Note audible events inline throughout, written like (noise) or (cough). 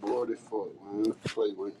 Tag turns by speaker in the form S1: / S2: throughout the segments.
S1: Bored as fuck, man. What the fuck, man?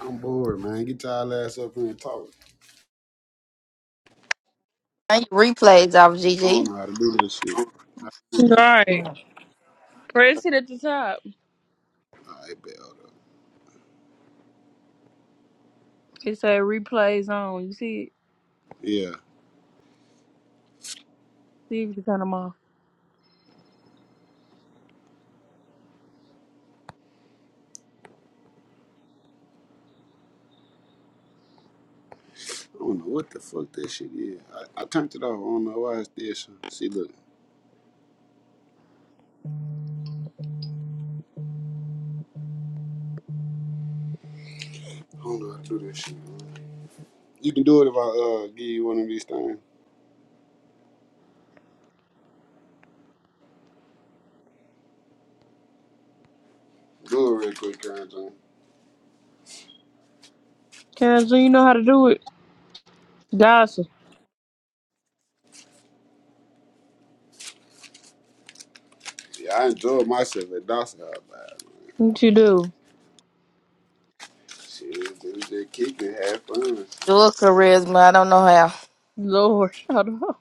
S1: I'm bored, man. Get y'all ass up here and talk.
S2: Turn your replays off,
S1: I don't
S2: Gigi.
S1: know how to do this shit.
S3: Right. Press it at the top.
S1: I bet.
S3: It say replays on. You see it?
S1: Yeah.
S3: See if you can turn them off.
S1: I don't know what the fuck that shit is. I, I turned it off. I don't know why it's this. See, look. I don't know how to do this shit, man. You can do it if I uh give you one of these things. Do it real quick, Karen John.
S3: Kendra, you know how to do it. Gossip.
S1: Yeah, I enjoyed myself at Dawson House, man.
S3: What you do?
S1: Shit, it was just kicking, had fun.
S2: Dual a charisma. I don't know how.
S3: Lord. (laughs) Hold on.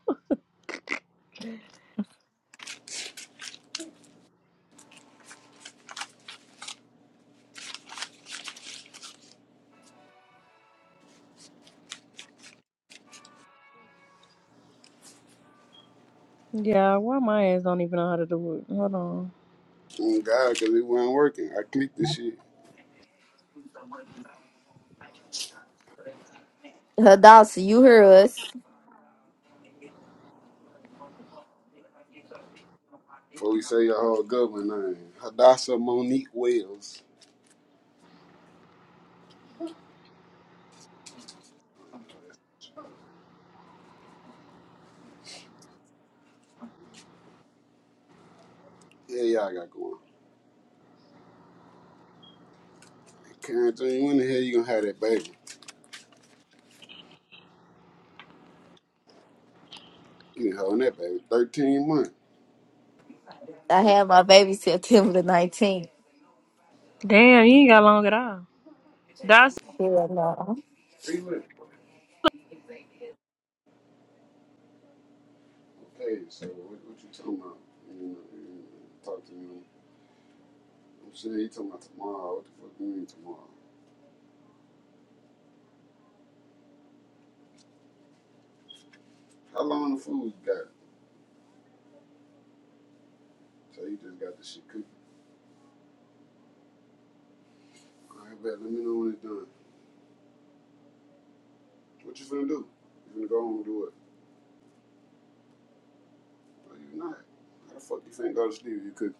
S3: Yeah, why my ass don't even know how to do it? Hold on.
S1: Oh God, because it wasn't working. I clicked the shit.
S2: Hadassah, you hear us.
S1: Before we say your whole Goodwin name, Hadassah Monique Wells. Yeah, y'all got going. Karen Jane, when the hell you gonna have that baby? You been holding that baby 13 months.
S2: I
S1: Like
S2: had my baby September the 19th.
S3: Damn, you ain't got long at all. Gossip.
S2: Hell no.
S1: three months. Okay, so what, what you talking about? You know, you know, talk to me. I'm saying you talking about tomorrow. What the fuck you mean tomorrow? How long the food you got? So you just got the shit cooking. All right, bet. Let me know when it's done. What you finna do? You finna go home and do it? No, you not. How the fuck you finna go to sleep if you cooking?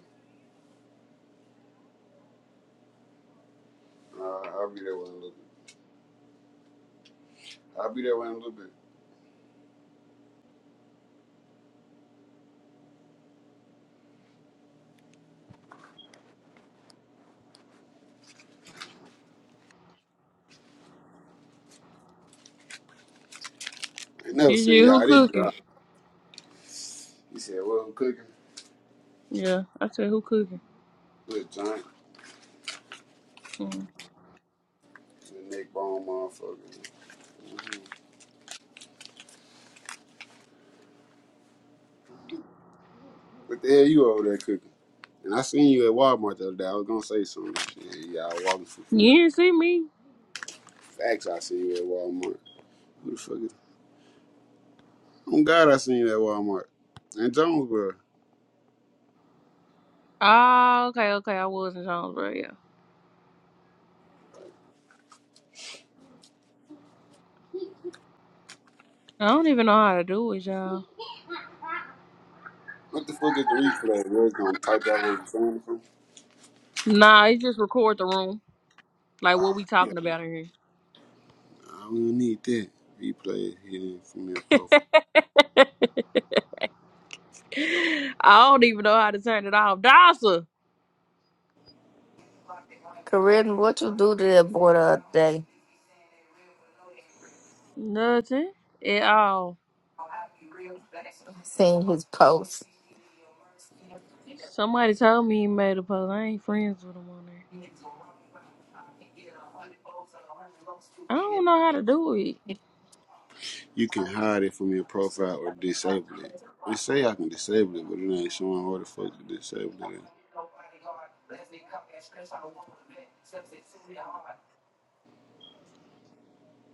S1: Uh, I'll be there when a little bit. I'll be there when a little bit. I never
S3: You
S1: seen
S3: you- who
S1: y'all. They
S3: cooking?
S1: drop. He said, "What I'm cooking
S3: Yeah, I said who cooking?
S1: with a giant,
S3: Mm.
S1: and neck bone motherfucker." What the hell you over there cooking? And I seen you at Walmart the other day. I was gonna say something. Shit, y'all walking too
S3: You
S1: fast.
S3: didn't see me?
S1: Facts, I seen you at Walmart. Who the fuck is? Oh God, I seen you at Walmart. And Jonesboro.
S3: Ah, okay, okay. I was in Jonesboro, yeah. I don't even know how to do it, y'all.
S1: What the fuck is the replay? We're gonna type out what we're saying from.
S3: Nah, it just record the room. Like what
S1: Oh,
S3: we
S1: yeah.
S3: talking about in
S1: I don't need that replay hidden from your profile.
S3: here. (laughs) I don't even know how to turn it off. Dawson!
S2: Charisma, what you do to that boy the other day?
S3: Nothing at all.
S2: Seeing his post.
S3: Somebody told me he made a post. I ain't friends with him on there. I don't know how to do it.
S1: You can hide it from your profile or disable it. They say I can disable it, but it ain't showing where the fuck to disable it. at.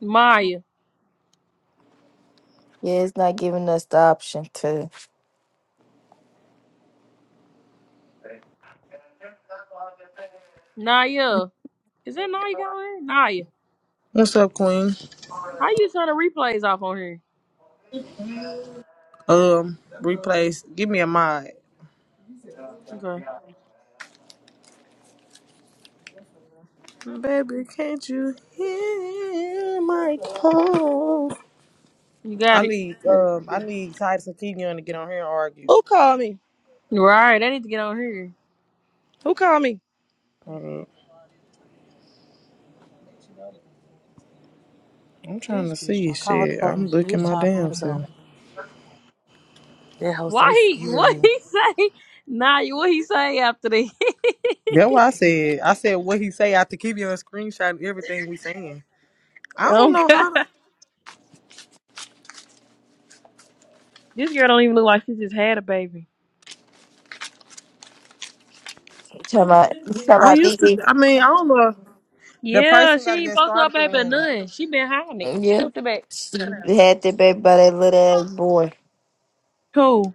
S3: Maya.
S2: Yeah, it's not giving us the option to.
S3: Naya. Is that Naya got on here? Naya.
S4: What's up, Queen?
S3: How you turn the replays off on here?
S4: Um, replays. Give me a mod.
S3: Okay.
S4: Baby, can't you hear my call?
S3: You got
S4: I
S3: it.
S4: need
S3: There you
S4: um,
S3: go.
S4: I need Titus and Keegan to get on here and argue.
S5: Who called me?
S3: Right, I need to get on here.
S5: Who called me?
S4: Hold up. I'm trying
S5: This
S4: to
S5: bitch
S4: see
S5: trying
S4: shit. I'm looking my damn
S5: to
S4: self.
S3: Why he what
S5: go.
S3: he (laughs) say? Naya, what he say after that?
S4: That's what I said. I said what he say after Keegan a screenshot and everything we saying. I
S3: (laughs)
S4: don't
S3: oh
S4: know how. To,
S3: god. This girl don't even look like she just had a baby.
S2: You talking about, you talking
S4: I
S2: about
S4: used to.
S2: Gigi?
S4: I mean, I don't know. The
S3: Yeah,
S4: person
S3: she
S4: got
S3: ain't
S4: that
S3: post her
S4: started the
S3: baby
S4: room.
S3: none. She been hiding it.
S2: Yeah.
S3: Sit back. Sit down.
S2: We had that baby by that little ass boy.
S3: Who?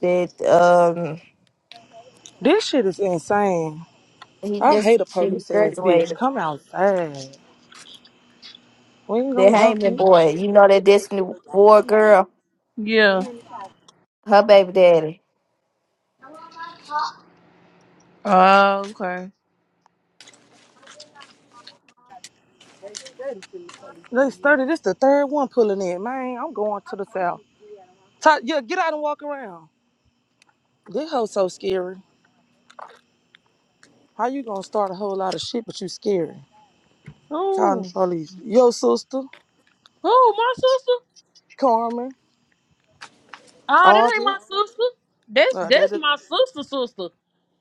S2: That, um,
S5: This shit is insane.
S2: he
S5: I
S2: just
S5: hate a
S2: she
S5: police ass bitch.
S2: graduated.
S5: Come outside. We ain't
S2: The
S5: gonna jump
S2: Heyman
S5: you.
S2: boy. You know that Destiny War girl?
S3: Yeah.
S2: Her baby daddy.
S3: Oh, okay.
S5: Let's start it. This the third one pulling in. Man, I'm going to the south. Ty- yeah, get out and walk around. This hoe so scary. How you gonna start a whole lot of shit, but you scary? Calling the
S3: Who?
S5: police. Yo, sister,
S3: Who? My sister?
S5: Carmen,
S3: Oh, that ain't
S5: Audrey.
S3: my sister. That's
S5: Uh,
S3: that's
S5: that
S3: my sister sister.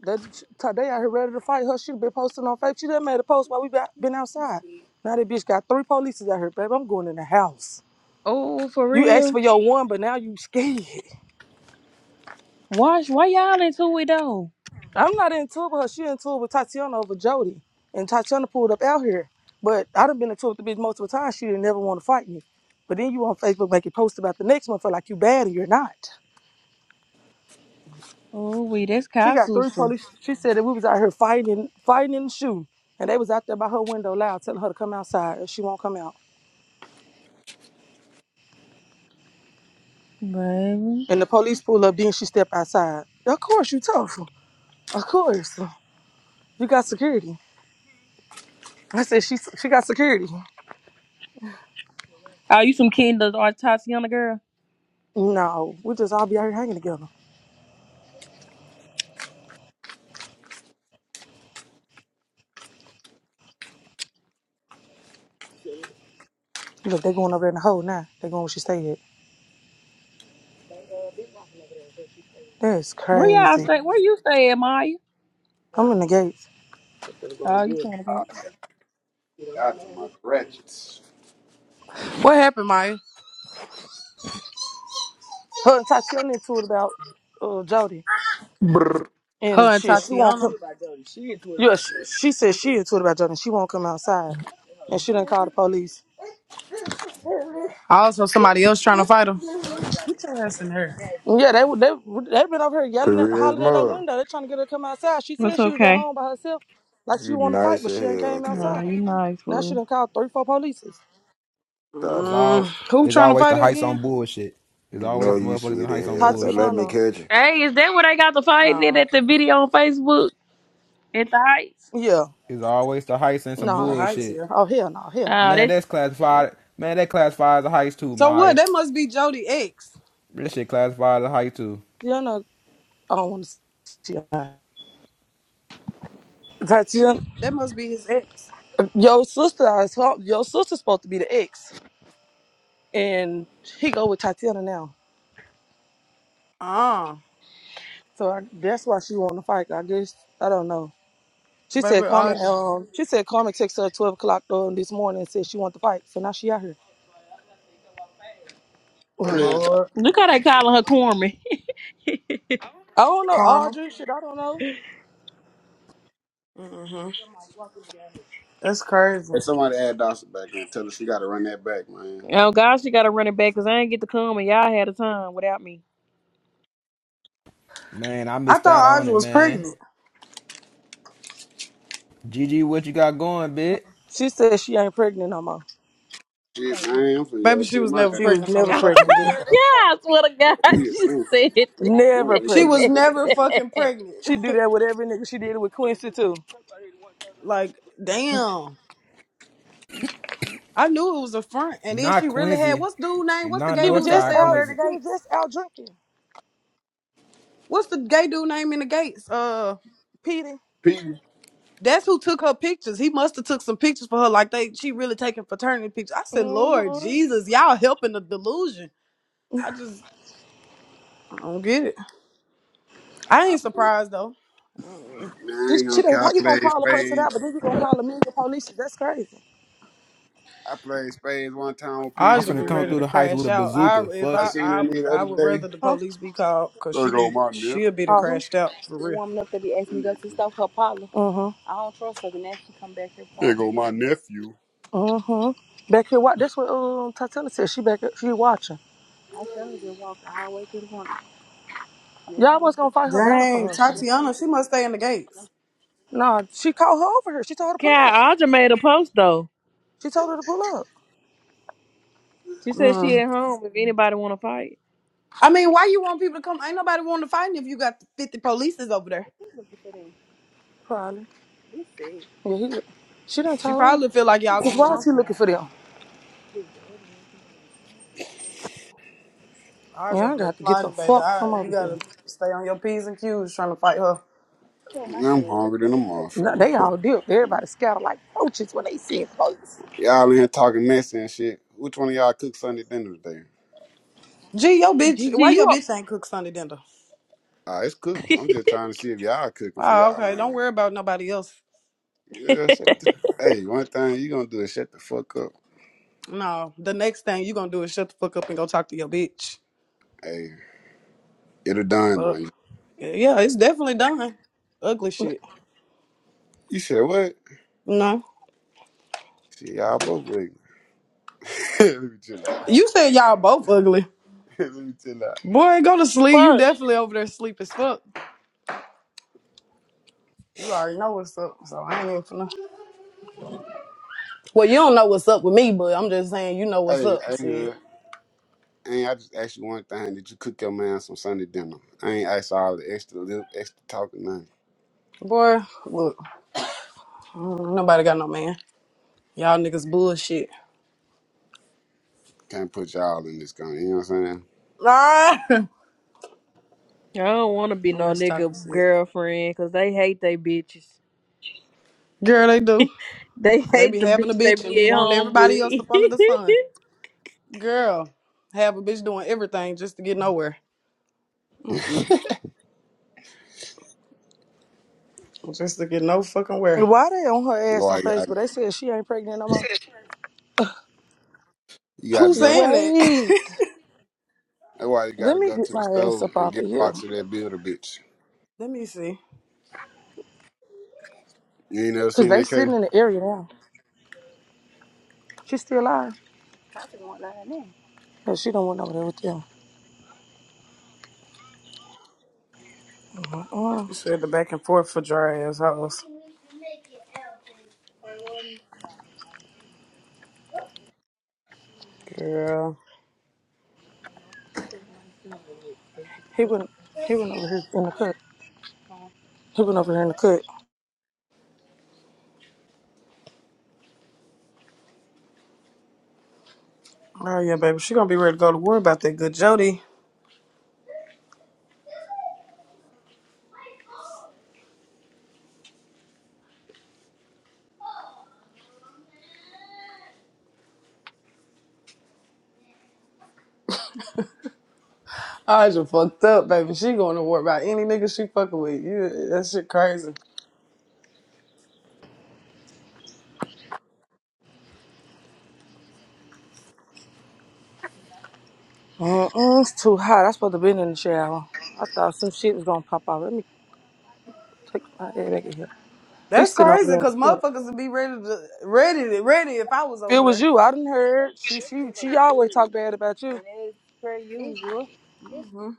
S5: That today out here ready to fight her. She been posting on Facebook. She done made a post while we been been outside. Now that bitch got three police out here, babe. I'm going in the house.
S3: Oh, for
S5: You asked
S3: real?
S5: for your one, but now you (laughs) scared.
S3: Watch, why y'all into it though?
S5: I'm not in tour with her. She in tour with Tatiana over Jody, and Tatiana pulled up out here. But I done been in tour with the bitch multiple times. She didn't never want to fight me. But then you on Facebook making posts about the next one for like you bad or you're not.
S3: Oh, wait, that's
S5: She
S3: Kyle's
S5: got three
S3: sister.
S5: police. She said that we was out here fighting, fighting in the shoe, and they was out there by her window loud, telling her to come outside, and she won't come out.
S3: Baby.
S5: And the police pull up, then she step outside. Of course, you tough. Of course. You got security. I said, she she got security.
S3: Oh, you some Kendall or Tatiana girl?
S5: No, we just all be out here hanging together. Look, they going over there in the hole now. They going where she stay at? That's
S3: Where y'all
S5: crazy.
S3: stay? Where you stay at, Maya?
S5: I'm in the gates.
S3: Oh, you stay in the
S1: Ah,
S3: gates.
S1: out to my ratchets.
S6: What happened, Maya?
S5: Her and Tatiana into it about uh, Jody.
S7: Brr.
S5: And
S6: Her and
S5: shit, she won't
S6: Tatiana.
S5: come. Yeah, she, she said she into it about Jody. She won't come outside. And she done called the police.
S6: Also, somebody else trying to fight her.
S5: Yeah, they would- they would- they been over here yelling at
S7: Careers
S5: hollering at her
S7: mug.
S5: window. They're trying to get her to come outside. She
S3: That's
S5: said she was at
S3: okay.
S5: home by herself, like she
S7: You
S5: wanted to fight,
S7: nice
S5: but
S7: as
S5: she ain't
S7: hell,
S5: came
S3: Oh,
S7: girl.
S5: outside.
S3: you nice,
S5: Now
S3: fool.
S5: she done called three, four polices.
S8: It's
S7: Stop.
S6: Mm,
S8: all
S6: who
S8: it's
S6: trying to
S8: always the
S6: fight her
S8: heights on
S6: again?
S8: bullshit. It's
S7: You
S5: T-
S7: know
S8: always
S7: you
S8: motherfuckers in the
S7: sweet as
S8: heights on
S7: hell. Don't let
S8: bullshit.
S7: me
S5: Tatiana,
S7: catch you.
S3: Hey, is that what I got the fight in
S6: Oh,
S3: at the video on Facebook at the Heights?
S5: yeah,
S8: It's always the heights and some
S6: in the
S5: nah,
S6: heights
S8: bullshit.
S6: here.
S5: oh hell no, hell
S3: Oh,
S8: Man,
S5: no.
S3: that's
S8: that's classified. Man, that classifies a heist too,
S6: So what?
S8: Maya.
S6: That must be Jody ex.
S8: That shit classifies a heist too.
S5: Tatiana, I don't want to see her. Tatiana,
S6: That must be his ex.
S5: your sister, is her- your sister's supposed to be the ex, and he go with Tatiana now.
S6: Ah,
S5: So I, that's why she want to fight. I guess I don't know. She
S6: baby,
S5: said Carmen.
S6: Aja.
S5: Um, she said Carmen texted her at twelve o'clock um, this morning and said she want to fight. So now she out here. (sighs) (laughs)
S1: What the hell, Doc?
S6: Lord,
S3: look how they calling her Corman. (laughs)
S5: I don't know
S6: karma.
S5: Audrey. Shit, I don't know.
S6: hmm That's crazy.
S1: Hey, somebody add Dawson back in. Tell us we gotta run that back, man.
S3: oh God, she got to run it back because I ain't get to come and y'all had a time without me.
S8: Man, I
S6: I
S8: missed out
S6: thought
S8: on
S6: Aja
S8: it,
S6: was
S8: man.
S6: pregnant.
S8: G G, what you got going, bitch?
S5: She said she ain't pregnant no more.
S1: Shit, man, I'm finna
S6: Baby,
S1: go
S6: she
S1: see
S6: was
S1: my
S6: never
S5: She
S1: ass.
S5: was
S6: pregnant from the
S5: never
S3: (laughs)
S6: fucking
S5: pregnant.
S6: get
S3: Oh
S6: go.
S3: God, I swear to
S1: up.
S3: God,
S1: Eat
S3: (laughs) you
S1: soon.
S5: (laughs)
S1: I'm
S5: never
S1: waiting
S6: She
S1: on
S6: was
S5: pregnant.
S3: said
S1: the
S6: never
S3: that.
S6: fucking
S3: (laughs)
S6: pregnant.
S5: She do that with every nigga. She did it with Quincy too.
S6: (laughs) like, damn. I knew it was a front, and then
S8: Not
S6: she really had
S8: Quincy.
S6: what's dude name? What's the
S8: Not
S6: gay
S5: She was
S6: dude that
S5: just
S8: Northside
S6: stay
S5: out.
S6: over at
S8: Quincy.
S5: She
S6: the
S5: was
S6: gates?
S5: just out drinking.
S6: What's the gay dude name in the gates? Uh,
S5: Petey.
S1: Peter.
S6: that's who took her pictures. He must have took some pictures for her, like they she really taking fraternity pictures. I said, Lord
S5: Mm-hmm.
S6: Jesus, y'all helping the delusion. I just I don't get it. I ain't surprised though. Mm.
S1: Man,
S5: She,
S1: I ain't
S5: she
S1: gonna
S5: done,
S1: call
S5: how you gonna
S1: play
S5: call a person
S1: spades.
S5: out, but then you gonna call a million police? That's crazy,
S1: I played spades one time with
S6: I
S8: I'm
S1: Peter,
S6: should
S8: finna
S6: be
S8: come
S6: ready
S1: man.
S8: through
S6: to
S8: the heights with
S6: crash
S8: a
S6: out. I
S8: bazooka.
S6: if
S8: Fuck
S1: I
S6: I
S8: it.
S1: seen that
S6: I
S1: nigga the
S6: I
S1: other
S6: would
S1: day.
S6: rather the
S5: huh?
S6: police be called because she
S1: There go
S6: be
S1: my
S6: she'll be done
S5: Uh huh.
S6: crashed out for real.
S1: nephew.
S5: Uh huh.
S1: There go my nephew.
S5: Uh huh. Back here, wa- that's what um Tatella said. She back. She watching. Y'all was gonna fight her battle for
S6: Dang,
S5: her. or
S6: Tatiana, she must stay in the gates.
S5: No, she called her over here. She told her to pull up.
S3: God, Audra made a post though.
S5: She told her to pull up.
S3: She said she at home if anybody want to fight.
S6: I mean, why you want people to come? Ain't nobody want to fight if you got 50 polices over there.
S5: Probably. Yeah, he. She done
S6: She
S5: told.
S6: probably feel like y'all
S5: Cause
S6: gonna
S5: why is
S6: jump
S5: he
S6: her.
S5: looking for them?
S6: I was
S5: Yeah, I
S6: over there
S5: got to get the
S6: plotting, baby.
S5: fuck
S6: I,
S5: from
S6: you
S5: over here.
S6: gotta stay on your P's and Q's trying to fight her.
S1: I'm hungry than a
S5: No,
S1: motherfucker.
S5: they all dipped. Everybody scattered like roaches when they see folks.
S1: Y'all in here talking messy and shit. Which one of y'all cook Sunday dinner today?
S6: Gee, your bitch,
S3: Gigi,
S6: why your
S3: you up?
S6: bitch ain't cook Sunday dinner?
S1: Ah, it's cooked. I'm just trying to see if y'all cooking for
S6: Oh,
S1: y'all,
S6: okay. Don't
S1: man.
S6: worry about nobody else.
S3: (laughs) Fuck.
S1: Yeah, shut the, hey, one thing you gonna do is shut the fuck up.
S6: No, the next thing you gonna do is shut the fuck up and go talk to your bitch.
S1: Hey, it'll done
S6: But
S1: on you.
S6: yeah, it's definitely done. Ugly shit.
S1: You said what?
S6: No.
S1: Shit, y'all both wig. (laughs) Let me chill out.
S6: You said y'all both ugly.
S1: (laughs) Let me chill out.
S6: Boy, go to sleep. You
S3: I
S6: definitely over there sleep as fuck. You already know what's up, so I ain't even finna. Well, you don't know what's up with me, but I'm just saying you know what's
S1: Hey,
S6: up.
S1: hey,
S6: Shit.
S1: hood. Hey, I just asked you one thing. Did you cook your man some Sunday dinner? I ain't asked all the extra lip, extra talking, nothing.
S6: Boy, look, mm, nobody got no man. Y'all niggas bullshit.
S1: Can't put y'all in this gun. You know what I'm saying?
S6: Ah, (laughs)
S3: don't want to be
S6: I'm
S3: no
S6: just
S3: nigga
S6: talking shit.
S3: girlfriend because they hate they bitches.
S6: Girl, they do.
S3: They
S6: They
S3: hate
S6: be
S3: the
S6: having a
S3: bitch they
S6: bitch and be
S3: be at
S6: wanting
S3: home
S6: everybody else
S3: with.
S6: up under the
S3: (laughs)
S6: sun. Girl, have a bitch doing everything just to get nowhere. Mm-mm. Just to get no fucking where.
S5: And why they on her ass
S1: Why
S5: on
S1: you got
S5: Facebook? They said she ain't pregnant no more.
S1: you got to
S6: Who's
S1: go to?
S6: saying that?
S5: Wait,
S6: (laughs)
S1: That's why you
S5: let
S1: gotta
S5: me
S1: go
S5: get
S1: to the
S5: my ass
S1: store
S5: up
S1: and
S5: off
S1: get
S5: of
S1: a
S5: here.
S1: box of that builder bitch.
S6: Let me see.
S1: You ain't never
S5: Cause
S1: seen
S5: they
S1: that cake?
S5: sitting in the area now. She still alive, but she don't went over there with them. Uh-uh.
S6: She said the back and forth for dry assholes. Girl.
S5: He went. He went over here in the cut. He been over here in the cut.
S6: Oh yeah, baby. She gonna be ready to go to war about that good Jody. I just fucked up, baby. She going to war about any nigga she fucking with. You, that shit crazy.
S5: Mm-mm, it's too hot. I supposed to been in the shower. I thought some shit was gonna pop out. Let me take my head back in here.
S6: That's
S5: He's sitting over
S6: crazy,
S5: there in
S6: cause
S5: the cut.
S6: motherfuckers would be ready to ready to- ready if I was
S5: It
S6: over
S5: was
S6: there.
S5: you. I didn't heard. She she she always talk bad about you. per usual.
S6: hmm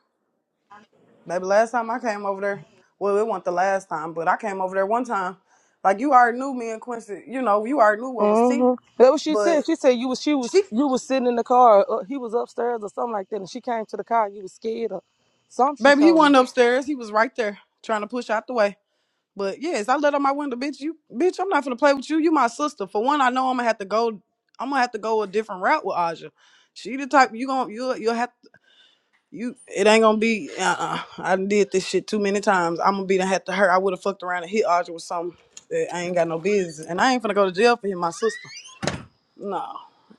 S6: Baby, last time I came over there, well, it wasn't the last time, but I came over there one time. Like you already knew me and Quincy. You know, you already knew what was T.
S5: Mm-hmm. That what she
S6: But
S5: said. She said you was she was
S6: she,
S5: you was sitting in the car. Uh, he was upstairs or something like that, and she came to the car. and You was scared or something. She
S6: baby, he
S5: told me
S6: wasn't upstairs. He was right there trying to push out the way. But yes, I let out my window, bitch. You, bitch, I'm not gonna play with you. You my sister. For one, I know I'm gonna have to go. I'm gonna have to go a different route with Aja. She the type you gonna you will you'll you'll have to, you. It ain't gonna be. Uh, uh I done did this shit too many times. I'm gonna be done have to hurt. I would have fucked around and hit Aja with something that I ain't got no business. And I ain't finna go to jail for hitting my sister. No.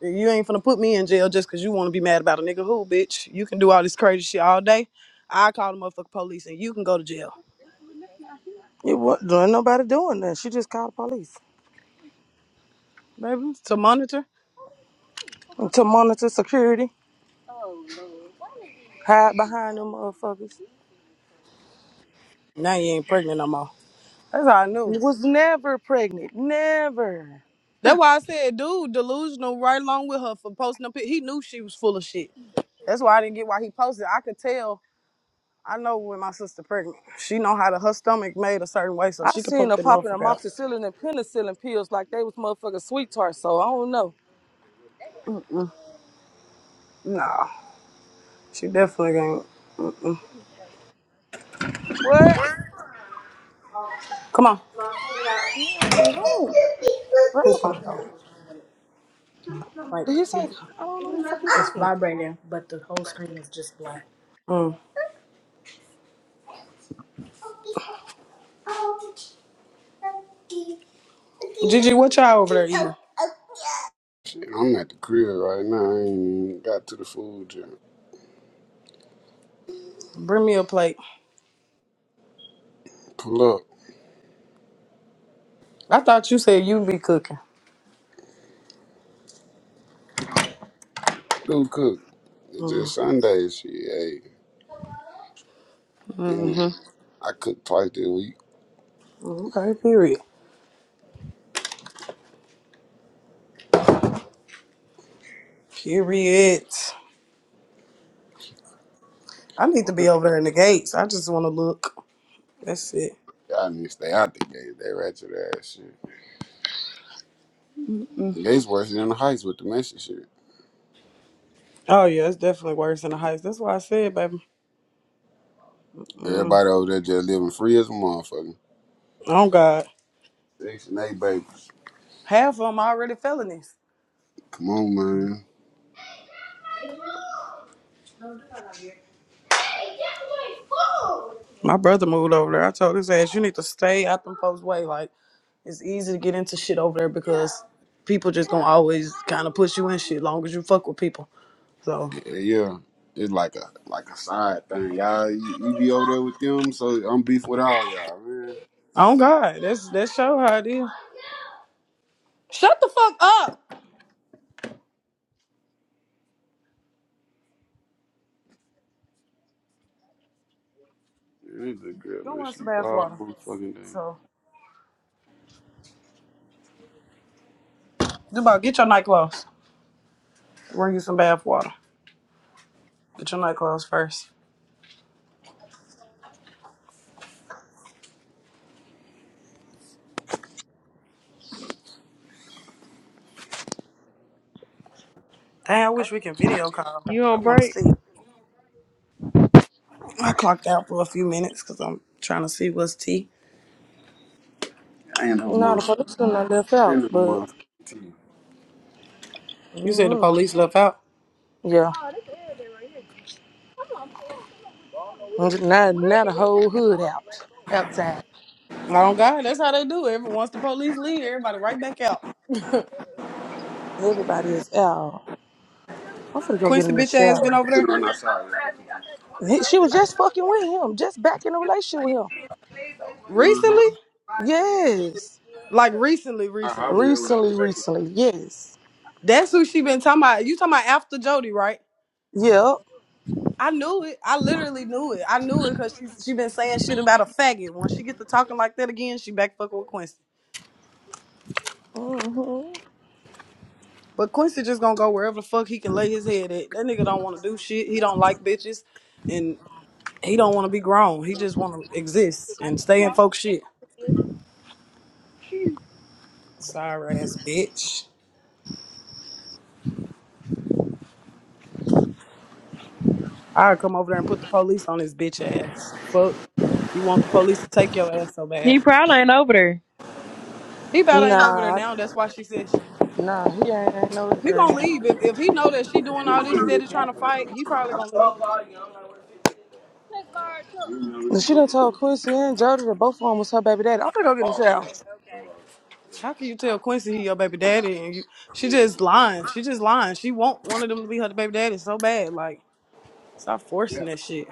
S6: You ain't finna put me in jail just cause you wanna be mad about a nigga who, bitch. You can do all this crazy shit all day. I call the motherfucking police and you can go to jail,
S5: it wasn't there ain't nobody doing that. She just called the police
S6: baby. To monitor.
S5: and to monitor security, hide behind them motherfuckers.
S6: Now you ain't pregnant no more. That's all I knew.
S5: Was never pregnant. Never.
S6: That's why I said, dude, delusional right along with her for posting up. He knew she was full of shit. That's why I didn't get why he posted. I could tell. I know when my sister pregnant, she know how to her stomach made a certain way, so
S5: I
S6: she could
S5: seen
S6: poke
S5: her
S6: that
S5: popping
S6: motherfucker out.
S5: amoxicillin and penicillin pills like they was motherfucking sweet tarts, so I don't know.
S6: Nah, she definitely ain't.
S5: What?
S6: Come on.
S5: No, no. Bro, I
S6: Poop
S5: don't know.
S6: on. Like
S5: He's like,
S6: you-
S5: I don't know what the fuck he
S6: it's
S5: said.
S6: vibrating. Mm. Gigi, what y'all over there eating?
S1: Shit, I'm at the crib right now. I ain't even got to the food joint.
S6: Bring me a plate.
S1: Pull up.
S6: I thought you said you be cooking.
S1: I do cook. It's just Sundays, shit, hey. And
S6: hmm
S1: I cook twice this week.
S6: Okay, period. Period. I need to
S1: What
S6: be
S1: the-
S6: over there in the gates. I just want to look. That's it.
S1: Y'all need to stay out the gate. They ratchet ass shit. Gates worse than the heights with the messy shit.
S6: Oh, yeah, it's definitely worse than the heights. That's why I said, baby. Mm.
S1: Everybody over there just living free as a motherfucker.
S6: Oh, God.
S1: Six and eight babies.
S6: Half of them already felonies.
S1: Come on, man.
S6: My brother moved over there. I told his ass, you need to stay out them folks' way. Like, it's easy to get into shit over there because people just gonna always kind of push you in shit long as you fuck with people. So.
S1: Yeah, it's like a like a side thing, y'all. You, you be over there with them, so I'm beef with all y'all, man.
S6: Oh God, that's that's show how it is. Shut the fuck up.
S1: It's a good, girl,
S6: Go
S1: man,
S6: run some
S1: sleep
S6: bath
S1: all
S6: water.
S1: motherfucking day.
S6: So, Dubai, get your nightclothes. Run you some bath water. Get your nightclothes first. Dang, I wish we can video call.
S3: You
S6: I
S3: on
S6: want to
S3: break?
S6: see. I clocked out for a few minutes because I'm trying to see what's tea.
S1: Ain't no
S5: Nah, the
S1: motherfucker.
S5: policeman not left out,
S1: Ain't no
S5: but
S1: motherfucking team.
S6: You said the
S5: mm,
S6: police left out.
S5: yeah, now now the whole hood out, outside.
S6: Oh God, that's how they do. it. Every once the police leave, everybody right back out.
S5: Everybody is out. I'm finna go get
S6: Quincy
S5: in the
S6: bitch ass been
S5: shower.
S6: over
S1: Sit
S6: there
S1: around outside,
S5: He, she was just fucking with him, just back in a relationship with him.
S1: you Uh
S6: recently,
S1: huh.
S5: Yes,
S6: like recently,
S1: I, I
S6: recently.
S1: will when I get
S5: recently,
S1: back
S5: recently, yes.
S6: That's who she been talking about. You talking about after Jody, right?
S5: Yep.
S6: I knew it. I literally knew it. I knew it because she she been saying shit about a faggot. When she gets to talking like that again, she back fucking with Quincy.
S5: hmm
S6: But Quincy just gonna go wherever the fuck he can lay his head at. That nigga don't want to do shit. He don't like bitches, and he don't want to be grown. He just want to exist and stay in folks shit. Sorry ass bitch. i come over there and put the police on his bitch ass. Fuck. You want the police to take your ass so bad?
S3: He probably ain't over there.
S6: He about ain't over there
S5: Nah,
S6: now. That's why she said she,
S5: nah, he ain't, ain't no
S6: he gonna
S5: area.
S6: leave. If if he know that she doing all this steady
S1: in.
S6: trying to fight, he probably gonna leave.
S1: You know, we
S5: And she
S1: come
S5: done told
S1: get
S5: Quincy and Jody that both of them was her baby daddy. I'm finna go get in the shower.
S1: this.
S6: How can you tell Quincy he your baby daddy and you she just lying. She just lying. She want one of them to be her baby daddy so bad. Like, stop
S1: Yeah.
S6: forcing that shit.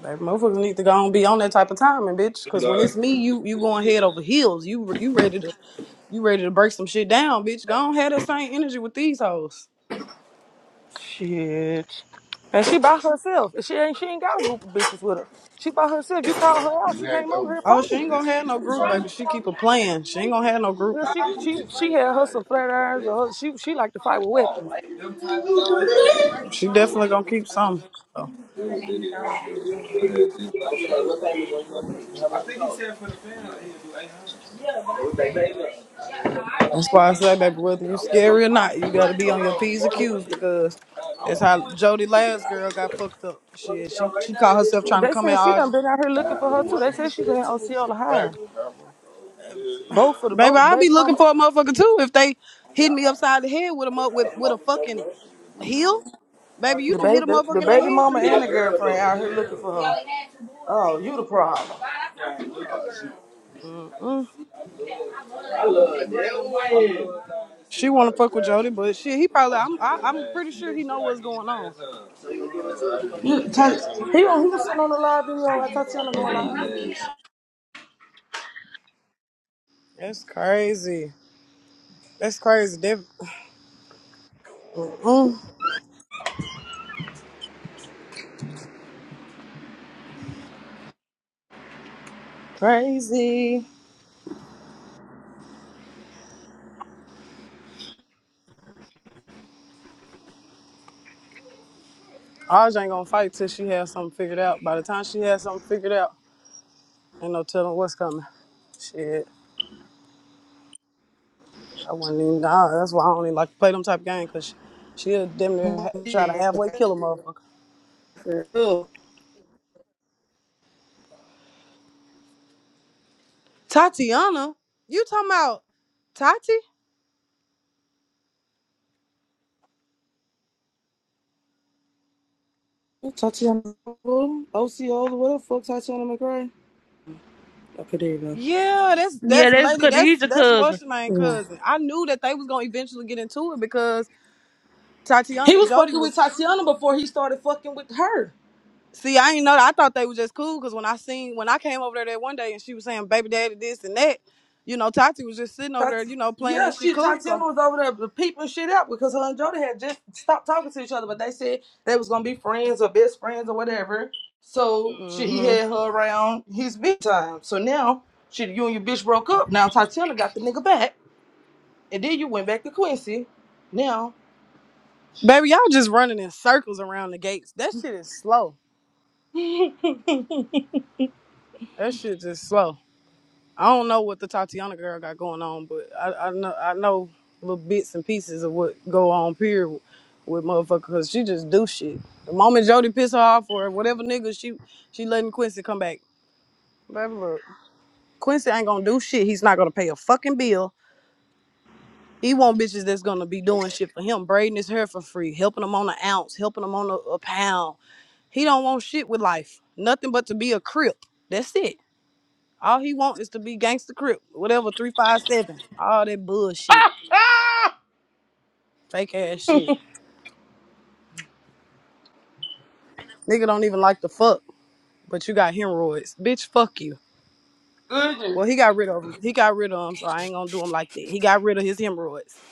S6: Like motherfuckers need to go and be on that type of timing, bitch. Cause when
S1: Uh,
S6: it's me, you you going head over heels. You you ready to you ready to break some shit down, bitch. Go on have that same energy with these hoes.
S5: Shit. And she by herself. And She ain't she ain't got a group of bitches with her. She by herself. You called
S1: I
S5: her out,
S1: just
S5: she
S1: had
S5: came
S1: that
S5: over
S1: one
S5: here to
S6: Oh,
S1: for
S6: she
S1: it.
S6: ain't
S5: fight.
S1: This,
S6: gonna have
S1: this
S6: no
S1: is
S6: group,
S1: all.
S6: baby. She keep a plan. She ain't gonna have no
S5: You
S6: group.
S5: know, she she
S1: This,
S5: she had her some
S1: this,
S5: flat irons or her, she she liked to fight with weapons.
S6: She definitely gonna keep some. so.
S1: (laughs) Larry,
S6: That's why I say, baby, whether you scary or not, you gotta be on your P's and Q's because that's how Jody last girl got fucked up. Shit, she she caught herself trying to
S5: They
S6: come at
S5: said she
S6: ours.
S5: done been out here looking for her too. They said she been in Osceola High.
S1: that one.
S5: Both for the
S6: Baby,
S5: both
S6: I'd be
S5: baby
S6: looking
S5: mama
S6: for a motherfucker too if they hit me upside the head with a mo- with with a fucking heel. Baby, you
S5: the
S6: didn't hit
S5: baby
S6: a
S5: the,
S6: motherfucker
S5: the
S6: in their
S5: baby
S6: head
S5: mama
S6: three
S5: and
S6: times.
S5: the girlfriend out here looking for her. Oh, you the problem.
S1: (laughs)
S6: Mm-mm. She wanna fuck with Jody, but shit, he probably I'm I, I'm pretty sure he know what's going on.
S5: You Ta- he he was sitting on the live video at Tatiana going live.
S6: That's crazy. That's crazy. They, mm-mm. Crazy. Ours ain't gonna fight till she has something figured out. By the time she has something figured out, ain't no telling what's coming. Shit, I wouldn't even. Nah, that's why I don't even like to play them type of games, cause she, she'll damn near ha- try to
S5: Yes,
S6: halfway kill a motherfucker.
S5: Oh,
S6: Tatiana, you talking about Tati?
S5: real. Tatiana OCO, what the fuck Tatiana McRae? Okay, there you go.
S6: Yeah, that's
S3: yeah,
S6: that's
S3: that's
S6: lady.
S3: good.
S6: That's
S3: He's your
S6: that's
S3: cousin.
S6: what's her name cousin. I knew that they was gonna eventually get into it because Tatiana
S5: He
S6: and
S5: was
S6: Jody
S5: fucking
S6: was.
S5: with Tatiana before he started fucking with her.
S6: See, I ain't know. that. I thought they were just cool because when I seen when I came over there that one day and she was saying baby daddy this and that, you know, Tati was just sitting over
S5: Tat-
S6: there, you know, playing
S5: yeah,
S6: that shit
S5: she
S6: cool.
S5: Tatiana
S6: So,
S5: was over there peeping shit out because her and Jody had just stopped talking to each other, but they said they was gonna be friends or best friends or whatever. So she, he
S6: hmm
S5: had her around his big time. So now she, you and your bitch broke up. Now Tatiana got the nigga back. And then you went back to Quincy. Now,
S6: baby, y'all just running in circles around the gates. That shit is slow. That shit just slow. I don't know what the Tatiana girl got going on, but I, I know I know little bits and pieces of what go on period with motherfucker because she just do shit. The moment Jody piss her off or whatever nigga she she letting Quincy come back. Baby, look. Quincy ain't gonna do shit. He's not gonna pay a fucking bill. He want bitches that's gonna be doing shit for him, braiding his hair for free, helping him on an ounce, helping him on a, a pound. He don't want shit with life. Nothing but to be a crip. That's it. All he want is to be gangster crip. Whatever, three five seven. All that bullshit. Fake ass shit. Nigga don't even like the fuck, but you got hemorrhoids. Bitch, fuck you.
S5: Goodness.
S6: Well, he got rid of him. He got rid of him, so I ain't gonna do him like that. He got rid of his hemorrhoids.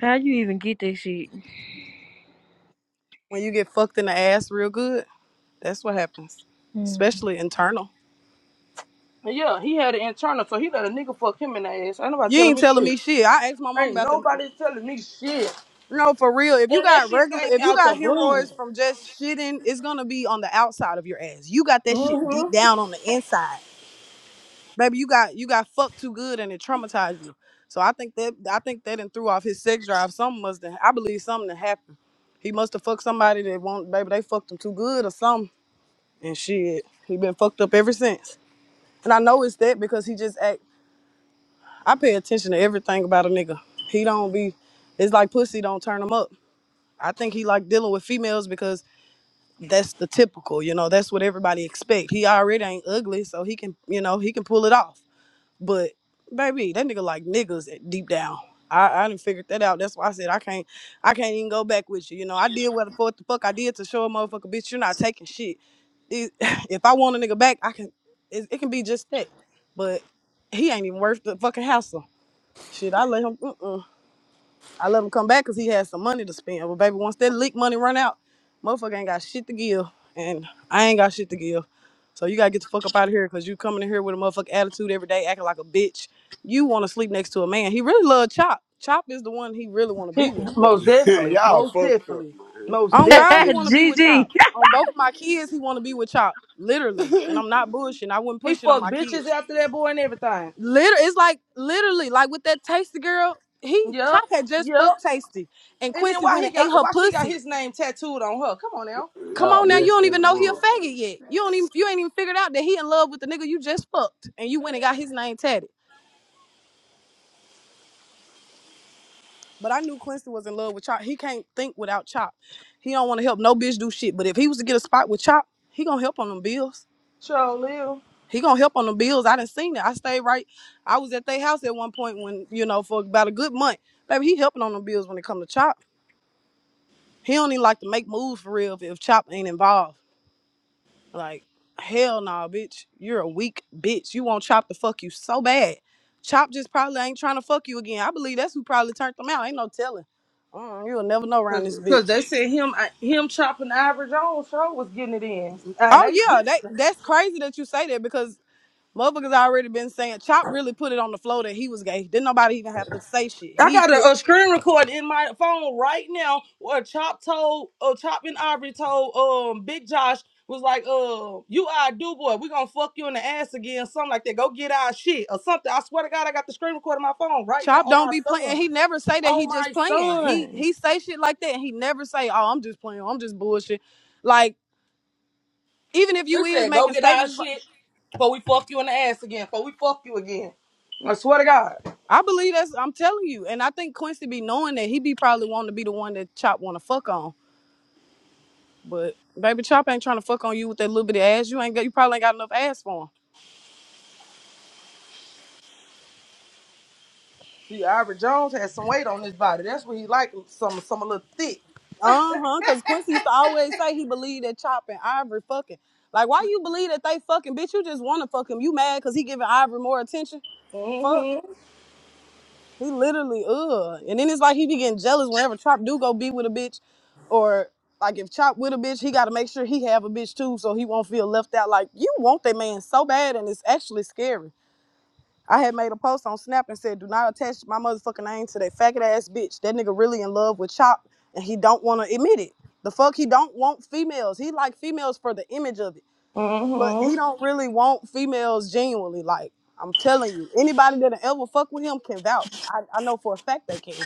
S3: How you even get that shit?
S6: When you get fucked in the ass real good, That's what happens,
S3: Mm.
S6: especially internal.
S5: yeah, he had an internal, so he let a nigga fuck him in the ass. Ain't nobody
S6: You
S5: telling
S6: ain't
S5: me
S6: telling
S5: shit.
S6: me shit. I asked my mom
S5: Ain't
S6: about the.
S5: nobody telling me shit.
S6: No, for real. If you
S5: And that
S6: got
S5: shit
S6: regular,
S5: came
S6: if you
S5: out the
S6: got
S5: blue.
S6: hemorrhoids from just shitting, it's gonna be on the outside of your ass. You got that shit
S5: hmm
S6: deep down on the inside, baby. You got you got fucked too good and it traumatized you. So I think that I think that and threw off his sex drive. Something must have. I believe something that happened. He must have fucked somebody that won't, baby. They fucked him too good or something. And shit, he been fucked up ever since. And I know it's that because he just act I pay attention to everything about a nigga. He don't be. It's like pussy don't turn him up. I think he like dealing with females because that's the typical. You know, that's what everybody expect. He already ain't ugly, so he can. You know, he can pull it off. But baby, that nigga like niggas deep down. I, I didn't figure that out. That's why I said I can't. I can't even go back with you. You know, I did what the fuck the fuck I did to show a motherfucker bitch you're not taking shit. It- (laughs) (sighs) if I want a nigga back, I can. It, it can be just that. But he ain't even worth the fucking hassle. Shit, I let him. Mm-mm. I let him come back because he had some money to spend. But baby, once that leak money run out, motherfucker ain't got shit to give, and I ain't got shit to give. So you gotta get the fuck up out of here because you coming in here with a motherfucking attitude every day, acting like a bitch. You want to sleep next to a man. He really love Chop. Chop is the one he really want to
S5: He,
S6: be with. But
S5: most definitely.
S1: Y'all
S5: Most
S1: fucked up,
S5: definitely.
S1: man.
S3: (laughs)
S5: Most
S6: on God, he
S5: definitely.
S6: want to be with
S3: GG.
S6: Chop. On both of my kids, he want to be with Chop. Literally, and I'm not bushing. I wouldn't
S5: He
S6: push it on
S5: fucked
S6: my
S5: bitches
S6: kids.
S5: after that boy and everything.
S6: Liter it's like literally like with that tasty girl, he
S5: Yup.
S6: Chop had just
S5: Yup.
S6: fucked Tasty and
S5: And then
S6: Quincy
S5: why
S6: went
S5: he
S6: and ate
S5: got
S6: her
S5: why she got
S6: pussy.
S5: his name tattooed on her? Come on now.
S6: Come
S1: Y'all
S6: on now,
S1: messy
S6: you
S1: as
S6: don't
S1: a
S6: even know he a
S1: motherfucker.
S6: faggot yet. You don't even you ain't even figured out that he in love with the nigga you just fucked and you went and got his name tatted. But I knew Quincy was in love with Chop. He can't think without Chop. He don't want to help no bitch do shit. But if he was to get a spot with Chop, he gonna help on them bills.
S5: Show live.
S6: He gonna help on them bills. I done seen it. I stayed right. I was at their house at one point when, you know, for about a good month. Baby, he helping on them bills when it come to Chop. He don't even like to make moves for real if, if Chop ain't involved. Like, hell no, bitch. You're a weak bitch. You want Chop to fuck you so bad. Chop just probably ain't trying to fuck you again. I believe that's who probably turned them out. Ain't no telling. Mm, you'll never know around this
S5: Cause, 'cause
S6: bitch.
S5: they said him uh, him chopping Ivory Jones show was getting it in. And
S6: Oh
S5: they
S6: yeah, that that's crazy that you say that because motherfuckers already been saying Chop really put it on the floor that he was gay. Didn't nobody even have to say shit.
S5: I
S6: He
S5: got
S6: put
S5: a, a screen record in my phone right now where Chop told, uh, Chop and Aubrey told um Big Josh was like, uh, you our do boy. we gonna fuck you in the ass again, something like that. Go get our shit or something. I swear to God, I got the screen record in my phone right now
S6: Chop
S5: on
S6: don't
S5: my
S6: be playing.
S5: son.
S6: He never say that he
S5: On
S6: just
S5: my
S6: playing. He
S5: son.
S6: he say shit like that and he never say, Oh, I'm just playing, I'm just bullshit. Like even if
S5: They
S6: you is
S5: said, go
S6: making
S5: get our
S6: statements like
S5: shit before we fuck you in the ass again, before we fuck you again. I swear to God.
S6: I believe that's I'm telling you. And I think Quincy be knowing that he be probably wanting to be the one that Chop wanna fuck on. But baby Chop ain't trying to fuck on you with that little bit of ass. You ain't got you probably ain't got enough ass for him.
S5: See, Ivory Jones has some weight on his body. That's what he like, some, some a little thick.
S6: Uh-huh. Cause Quincy used to always say he believed that Chop and Ivory fucking. Like why you believe that they fucking bitch, you just wanna fuck him. You mad cause he giving Ivory more attention? Fuck.
S5: Mm-hmm.
S6: He literally, ugh. And then it's like he be getting jealous whenever Chop do go be with a bitch, or like if Chop with a bitch, he gotta make sure he have a bitch too, so he won't feel left out. Like you want that man so bad, and it's actually scary. I had made a post on Snap and said, "Do not attach my motherfucking name to that faggot ass bitch. That nigga really in love with Chop, and he don't want to admit it. The fuck, he don't want females. He like females for the image of it." but he don't really want females genuinely. Like I'm telling you, anybody that ever fuck with him can vouch. I, I know for a fact they can.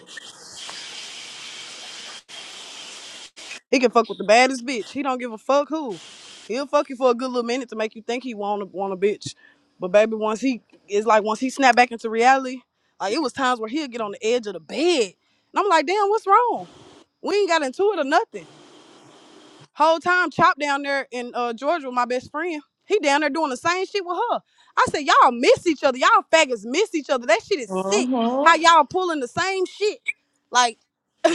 S6: He can fuck with the baddest bitch. He don't give a fuck who. He'll fuck you for a good little minute to make you think he want a want a bitch. But baby, once he it's like once he snap back into reality, like it was times where he'll get on the edge of the bed, and I'm like, damn, what's wrong? We ain't got into it or nothing. Whole time, Chop down there in uh, Georgia with my best friend. He down there doing the same shit with her. I said, y'all miss each other. Y'all faggots miss each other. That shit is sick.
S5: Mm-hmm.
S6: How y'all pulling the same shit? Like, (laughs) that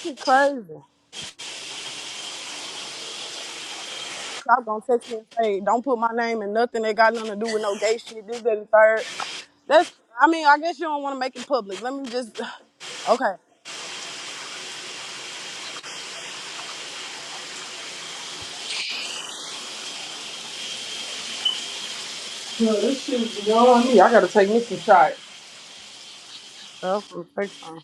S6: shit crazy. Chop gonna text me and say, don't put my name in nothing that got nothing to do with no gay shit. This, that, and third. That's, I mean, I guess you don't want to make it public. Let me just, (sighs) okay.
S5: Well, this shit's going on me. I gotta take me some shots.
S6: Well, fix time.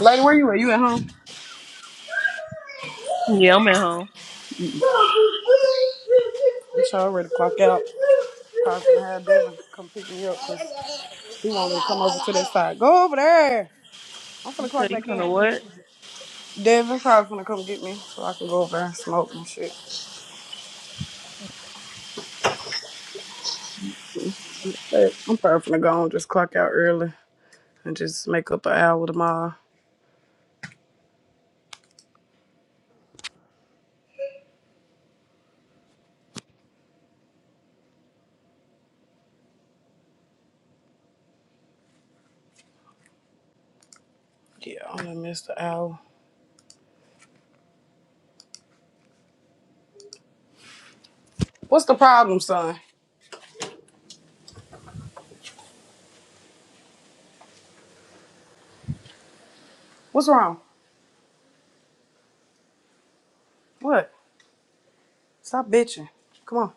S6: Lady, where you at? You at home?
S3: Yeah, I'm at home.
S6: I'm sure ready to clock out. Probably finna have Devin come pick me up 'cause he want me to come over to that side. Go over there. I'm
S3: You
S6: finna
S3: say
S6: clock
S3: you
S6: back
S3: gonna
S6: in.
S3: what?
S6: Devin probably finna come get me so I can go over there and smoke and shit. But I'm probably finna go and just clock out early and just make up an hour tomorrow. Yeah, I'm gonna miss the hour. What's the problem, son? What's wrong? What? Stop bitching. Come on.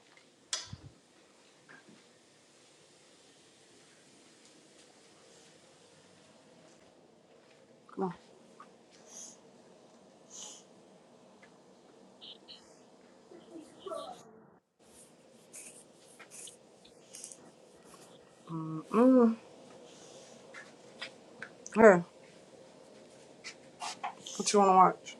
S6: Come on. Mm. Here. What you wanna watch?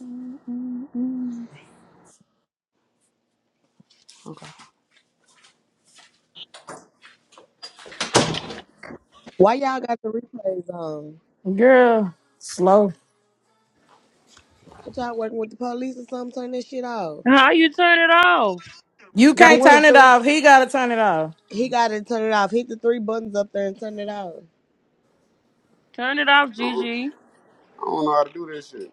S3: Mm-mm-mm.
S6: Okay.
S9: Why y'all got the replays on?
S10: Girl, slow.
S9: What y'all working with the police or something? Turn that shit off.
S3: How you turn it off?
S10: You
S6: Got
S10: can't
S9: Hit the
S10: turn
S6: what?
S10: it
S9: three.
S10: off. He gotta turn it off.
S9: He got to turn it off. Hit the three buttons up there and turn it off.
S3: Turn it off,
S1: Uh-uh.
S3: Gigi.
S1: I don't know how to do this shit.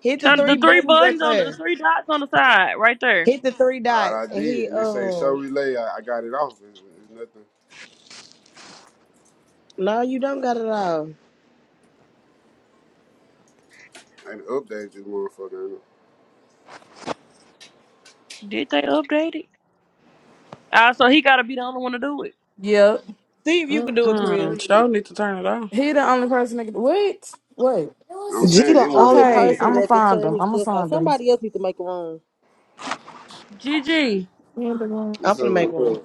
S9: Hit the
S3: Turn the
S9: three
S3: three
S9: buttons up
S3: buttons on the
S9: there.
S3: three dots on the side, right there.
S9: Hit the three
S1: All
S9: dots
S1: right, I
S9: and he
S1: did, and they say show
S9: um.
S1: relay. I, I got it off. It's, it's nothing.
S9: No, you don't got it off.
S1: I had to update this motherfucker. You know
S3: Did they update it? Ah, so he gotta be the only one to do it.
S10: Yep.
S9: See if you can do it, Korea.
S6: Mm-mm. Show need to turn it off.
S10: He the only person that can wait. Wait.
S1: what I'm
S4: G
S1: saying?
S4: the
S1: It won't
S4: only
S1: even let
S10: Okay,
S1: me
S4: person
S10: I'ma
S1: do
S4: that can
S1: it.
S10: find
S4: turn
S10: him.
S4: his
S10: I'ma
S4: stuff off.
S10: find him.
S4: Somebody else need to make a room.
S3: Gigi,
S10: He in the room.
S9: I'm
S1: What's
S9: finna
S1: up with it?
S9: make one.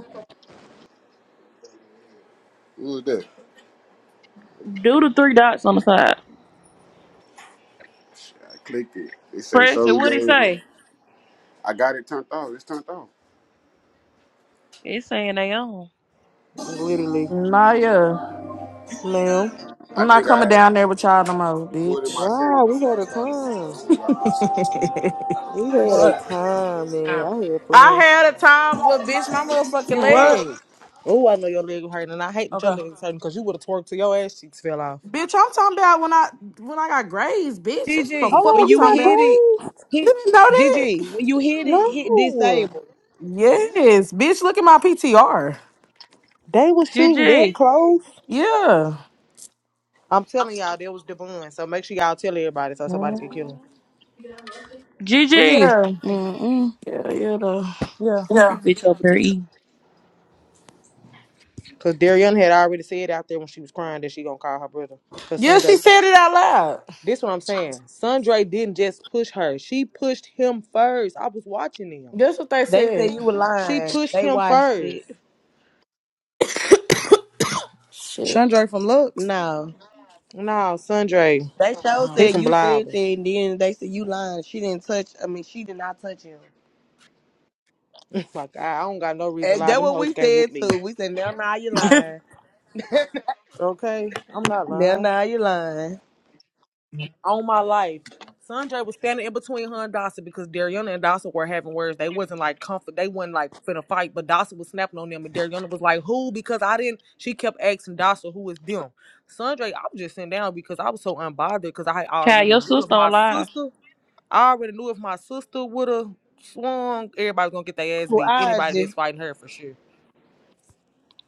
S1: Who was that?
S3: do the three dots on the side.
S1: Shit, I clicked it. It say
S3: Press
S1: show
S3: it. What would he
S1: related. on-
S3: say?
S1: I got it turned off. It's turned off.
S3: It's saying they on.
S4: Literally.
S10: Nah yeah.
S4: Ma'am.
S1: I
S10: I'm not
S1: think
S10: coming
S1: I
S10: down
S1: had to
S10: there with y'all no more,
S1: do it in my
S10: bitch.
S1: settings
S4: Wow, we
S1: before
S4: had
S1: I
S4: a
S1: started. it. I
S4: time.
S1: only got it in my
S4: We had a
S6: What?
S4: time, man. I had
S10: I
S4: fun.
S10: had a time, but bitch, my motherfucking
S6: You what?
S10: leg.
S4: Oh, I know your leg was hurting, and I hate that your
S6: Okay.
S4: leg was hurting because you would have twerked till your ass cheeks fell off.
S10: Bitch, I'm talking about when I when I got grazed, bitch. That's what the
S4: Hold
S9: GG,
S10: fuck
S9: when
S4: on,
S10: I'm
S4: you
S9: you
S10: talking
S4: got
S9: hit
S10: about.
S9: it,
S4: grazed?
S10: You
S9: hit
S10: didn't know
S9: GG.
S10: that?
S9: When you hit it, hit
S4: No,
S9: disable.
S10: Yes, bitch. Look at my PTR.
S4: they was shooting that
S3: GG.
S4: close.
S10: Yeah.
S4: I'm telling y'all, there was Devon. So make sure y'all tell everybody so somebody could kill
S10: Mhm.
S4: him.
S10: But
S3: GG.
S10: yeah.
S6: Mm-mm.
S10: Yeah, yeah, though.
S6: Yeah.
S3: This
S10: Yeah.
S3: bitch over there eating.
S4: Cause Darian had already said out there when she was crying that she gonna call her brother. Cause
S10: Yeah, she
S4: Sandra,
S10: said it out loud.
S4: this what I'm saying. Sandra didn't just push her; she pushed him first. I was watching him.
S10: That's what they
S9: They said
S10: said.
S9: you were
S4: She
S9: lying.
S4: pushed
S9: They
S4: him
S9: watched
S4: first.
S9: it.
S10: Shit.
S6: Chandra from Lux.
S9: No.
S4: No, Sundre.
S9: They show
S4: He
S9: said
S6: Oh.
S4: from
S9: you said
S4: Bliver.
S9: that, and then they said you lying. She didn't touch. I mean, she did not touch him.
S4: (laughs) My God, I don't got no reason to
S9: And
S4: lie.
S9: that
S4: Them
S9: what we
S4: hoes can't whoop
S9: said
S4: me.
S9: too. We said now, now you lying.
S4: Okay? I'm not
S9: Now,
S4: lying.
S9: now you lying.
S4: On my life. Sundre was standing in between her and Dawson because Dariana and Dawson were having words. They wasn't like comfort. They wasn't like finna fight, but Dawson was snapping on them. And Dariana was like, who? Because I didn't. She kept asking Dawson, who is them? Sundre, I was just sitting down because I was so unbothered because I
S3: Child,
S4: already
S3: your
S4: knew it was
S3: sister
S4: my
S3: on live.
S4: sister. I already knew if my sister would have swung, everybody's gonna get their ass
S9: Who
S4: beat. Anybody
S9: IG?
S4: that's fighting her for sure.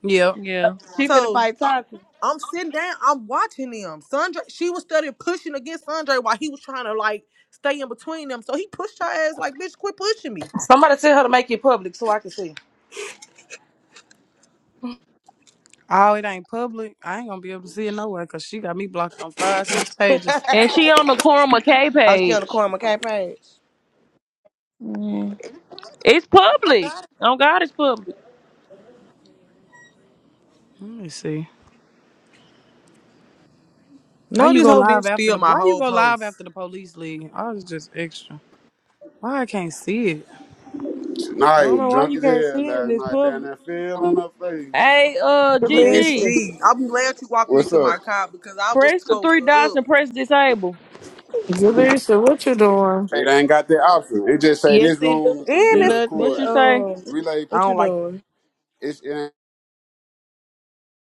S6: Yep.
S3: Yeah.
S9: She finna
S4: So
S9: fight Tati.
S4: I'm sitting down, I'm watching them. Sandra, she was studying pushing against Sandra while he was trying to like stay in between them. So he pushed her ass like, bitch, quit pushing me.
S5: Somebody tell her to make it public so I can see.
S6: Oh, it ain't public. I ain't gonna be able to see it nowhere because she got me blocked on five, six
S9: (laughs)
S6: pages.
S3: And she on the Cora McKay
S9: oh, she on the
S3: page.
S9: corner, okay, page.
S3: Mm. It's public. Oh God, it's public.
S6: Let me see. Why
S4: No,
S6: you
S4: this
S6: go
S4: whole
S6: live
S4: bitch
S6: after
S4: steal
S6: the
S4: my
S6: why you
S4: whole
S6: go live
S4: post.
S6: after the police leave? I was just extra. Why I can't see it?
S1: settings. Shit,
S3: I
S1: Nah, he
S3: don't
S1: was
S3: know why
S1: drunk
S3: you
S1: as
S3: can't
S1: hell
S3: see it and
S1: last
S3: it's
S1: night down
S3: public.
S1: that field on her face.
S3: Hey, uh,
S4: Yes,
S3: GG,
S10: Jaleesa.
S4: G. I'm glad you walked me
S1: What's
S4: to
S1: up?
S4: my car because I was
S3: press the
S4: towed
S3: three dots
S4: up.
S3: and press disable.
S10: Jaleesa, what you doing?
S1: It ain't got that option. It just say
S9: Yes,
S1: this
S9: it do.
S1: room is
S4: And
S1: being
S4: it's
S9: Nothing.
S3: What you
S1: recorded.
S3: say?
S9: Um,
S1: Relay.
S4: I
S9: what you
S4: don't like
S9: doing?
S1: It's, it ain't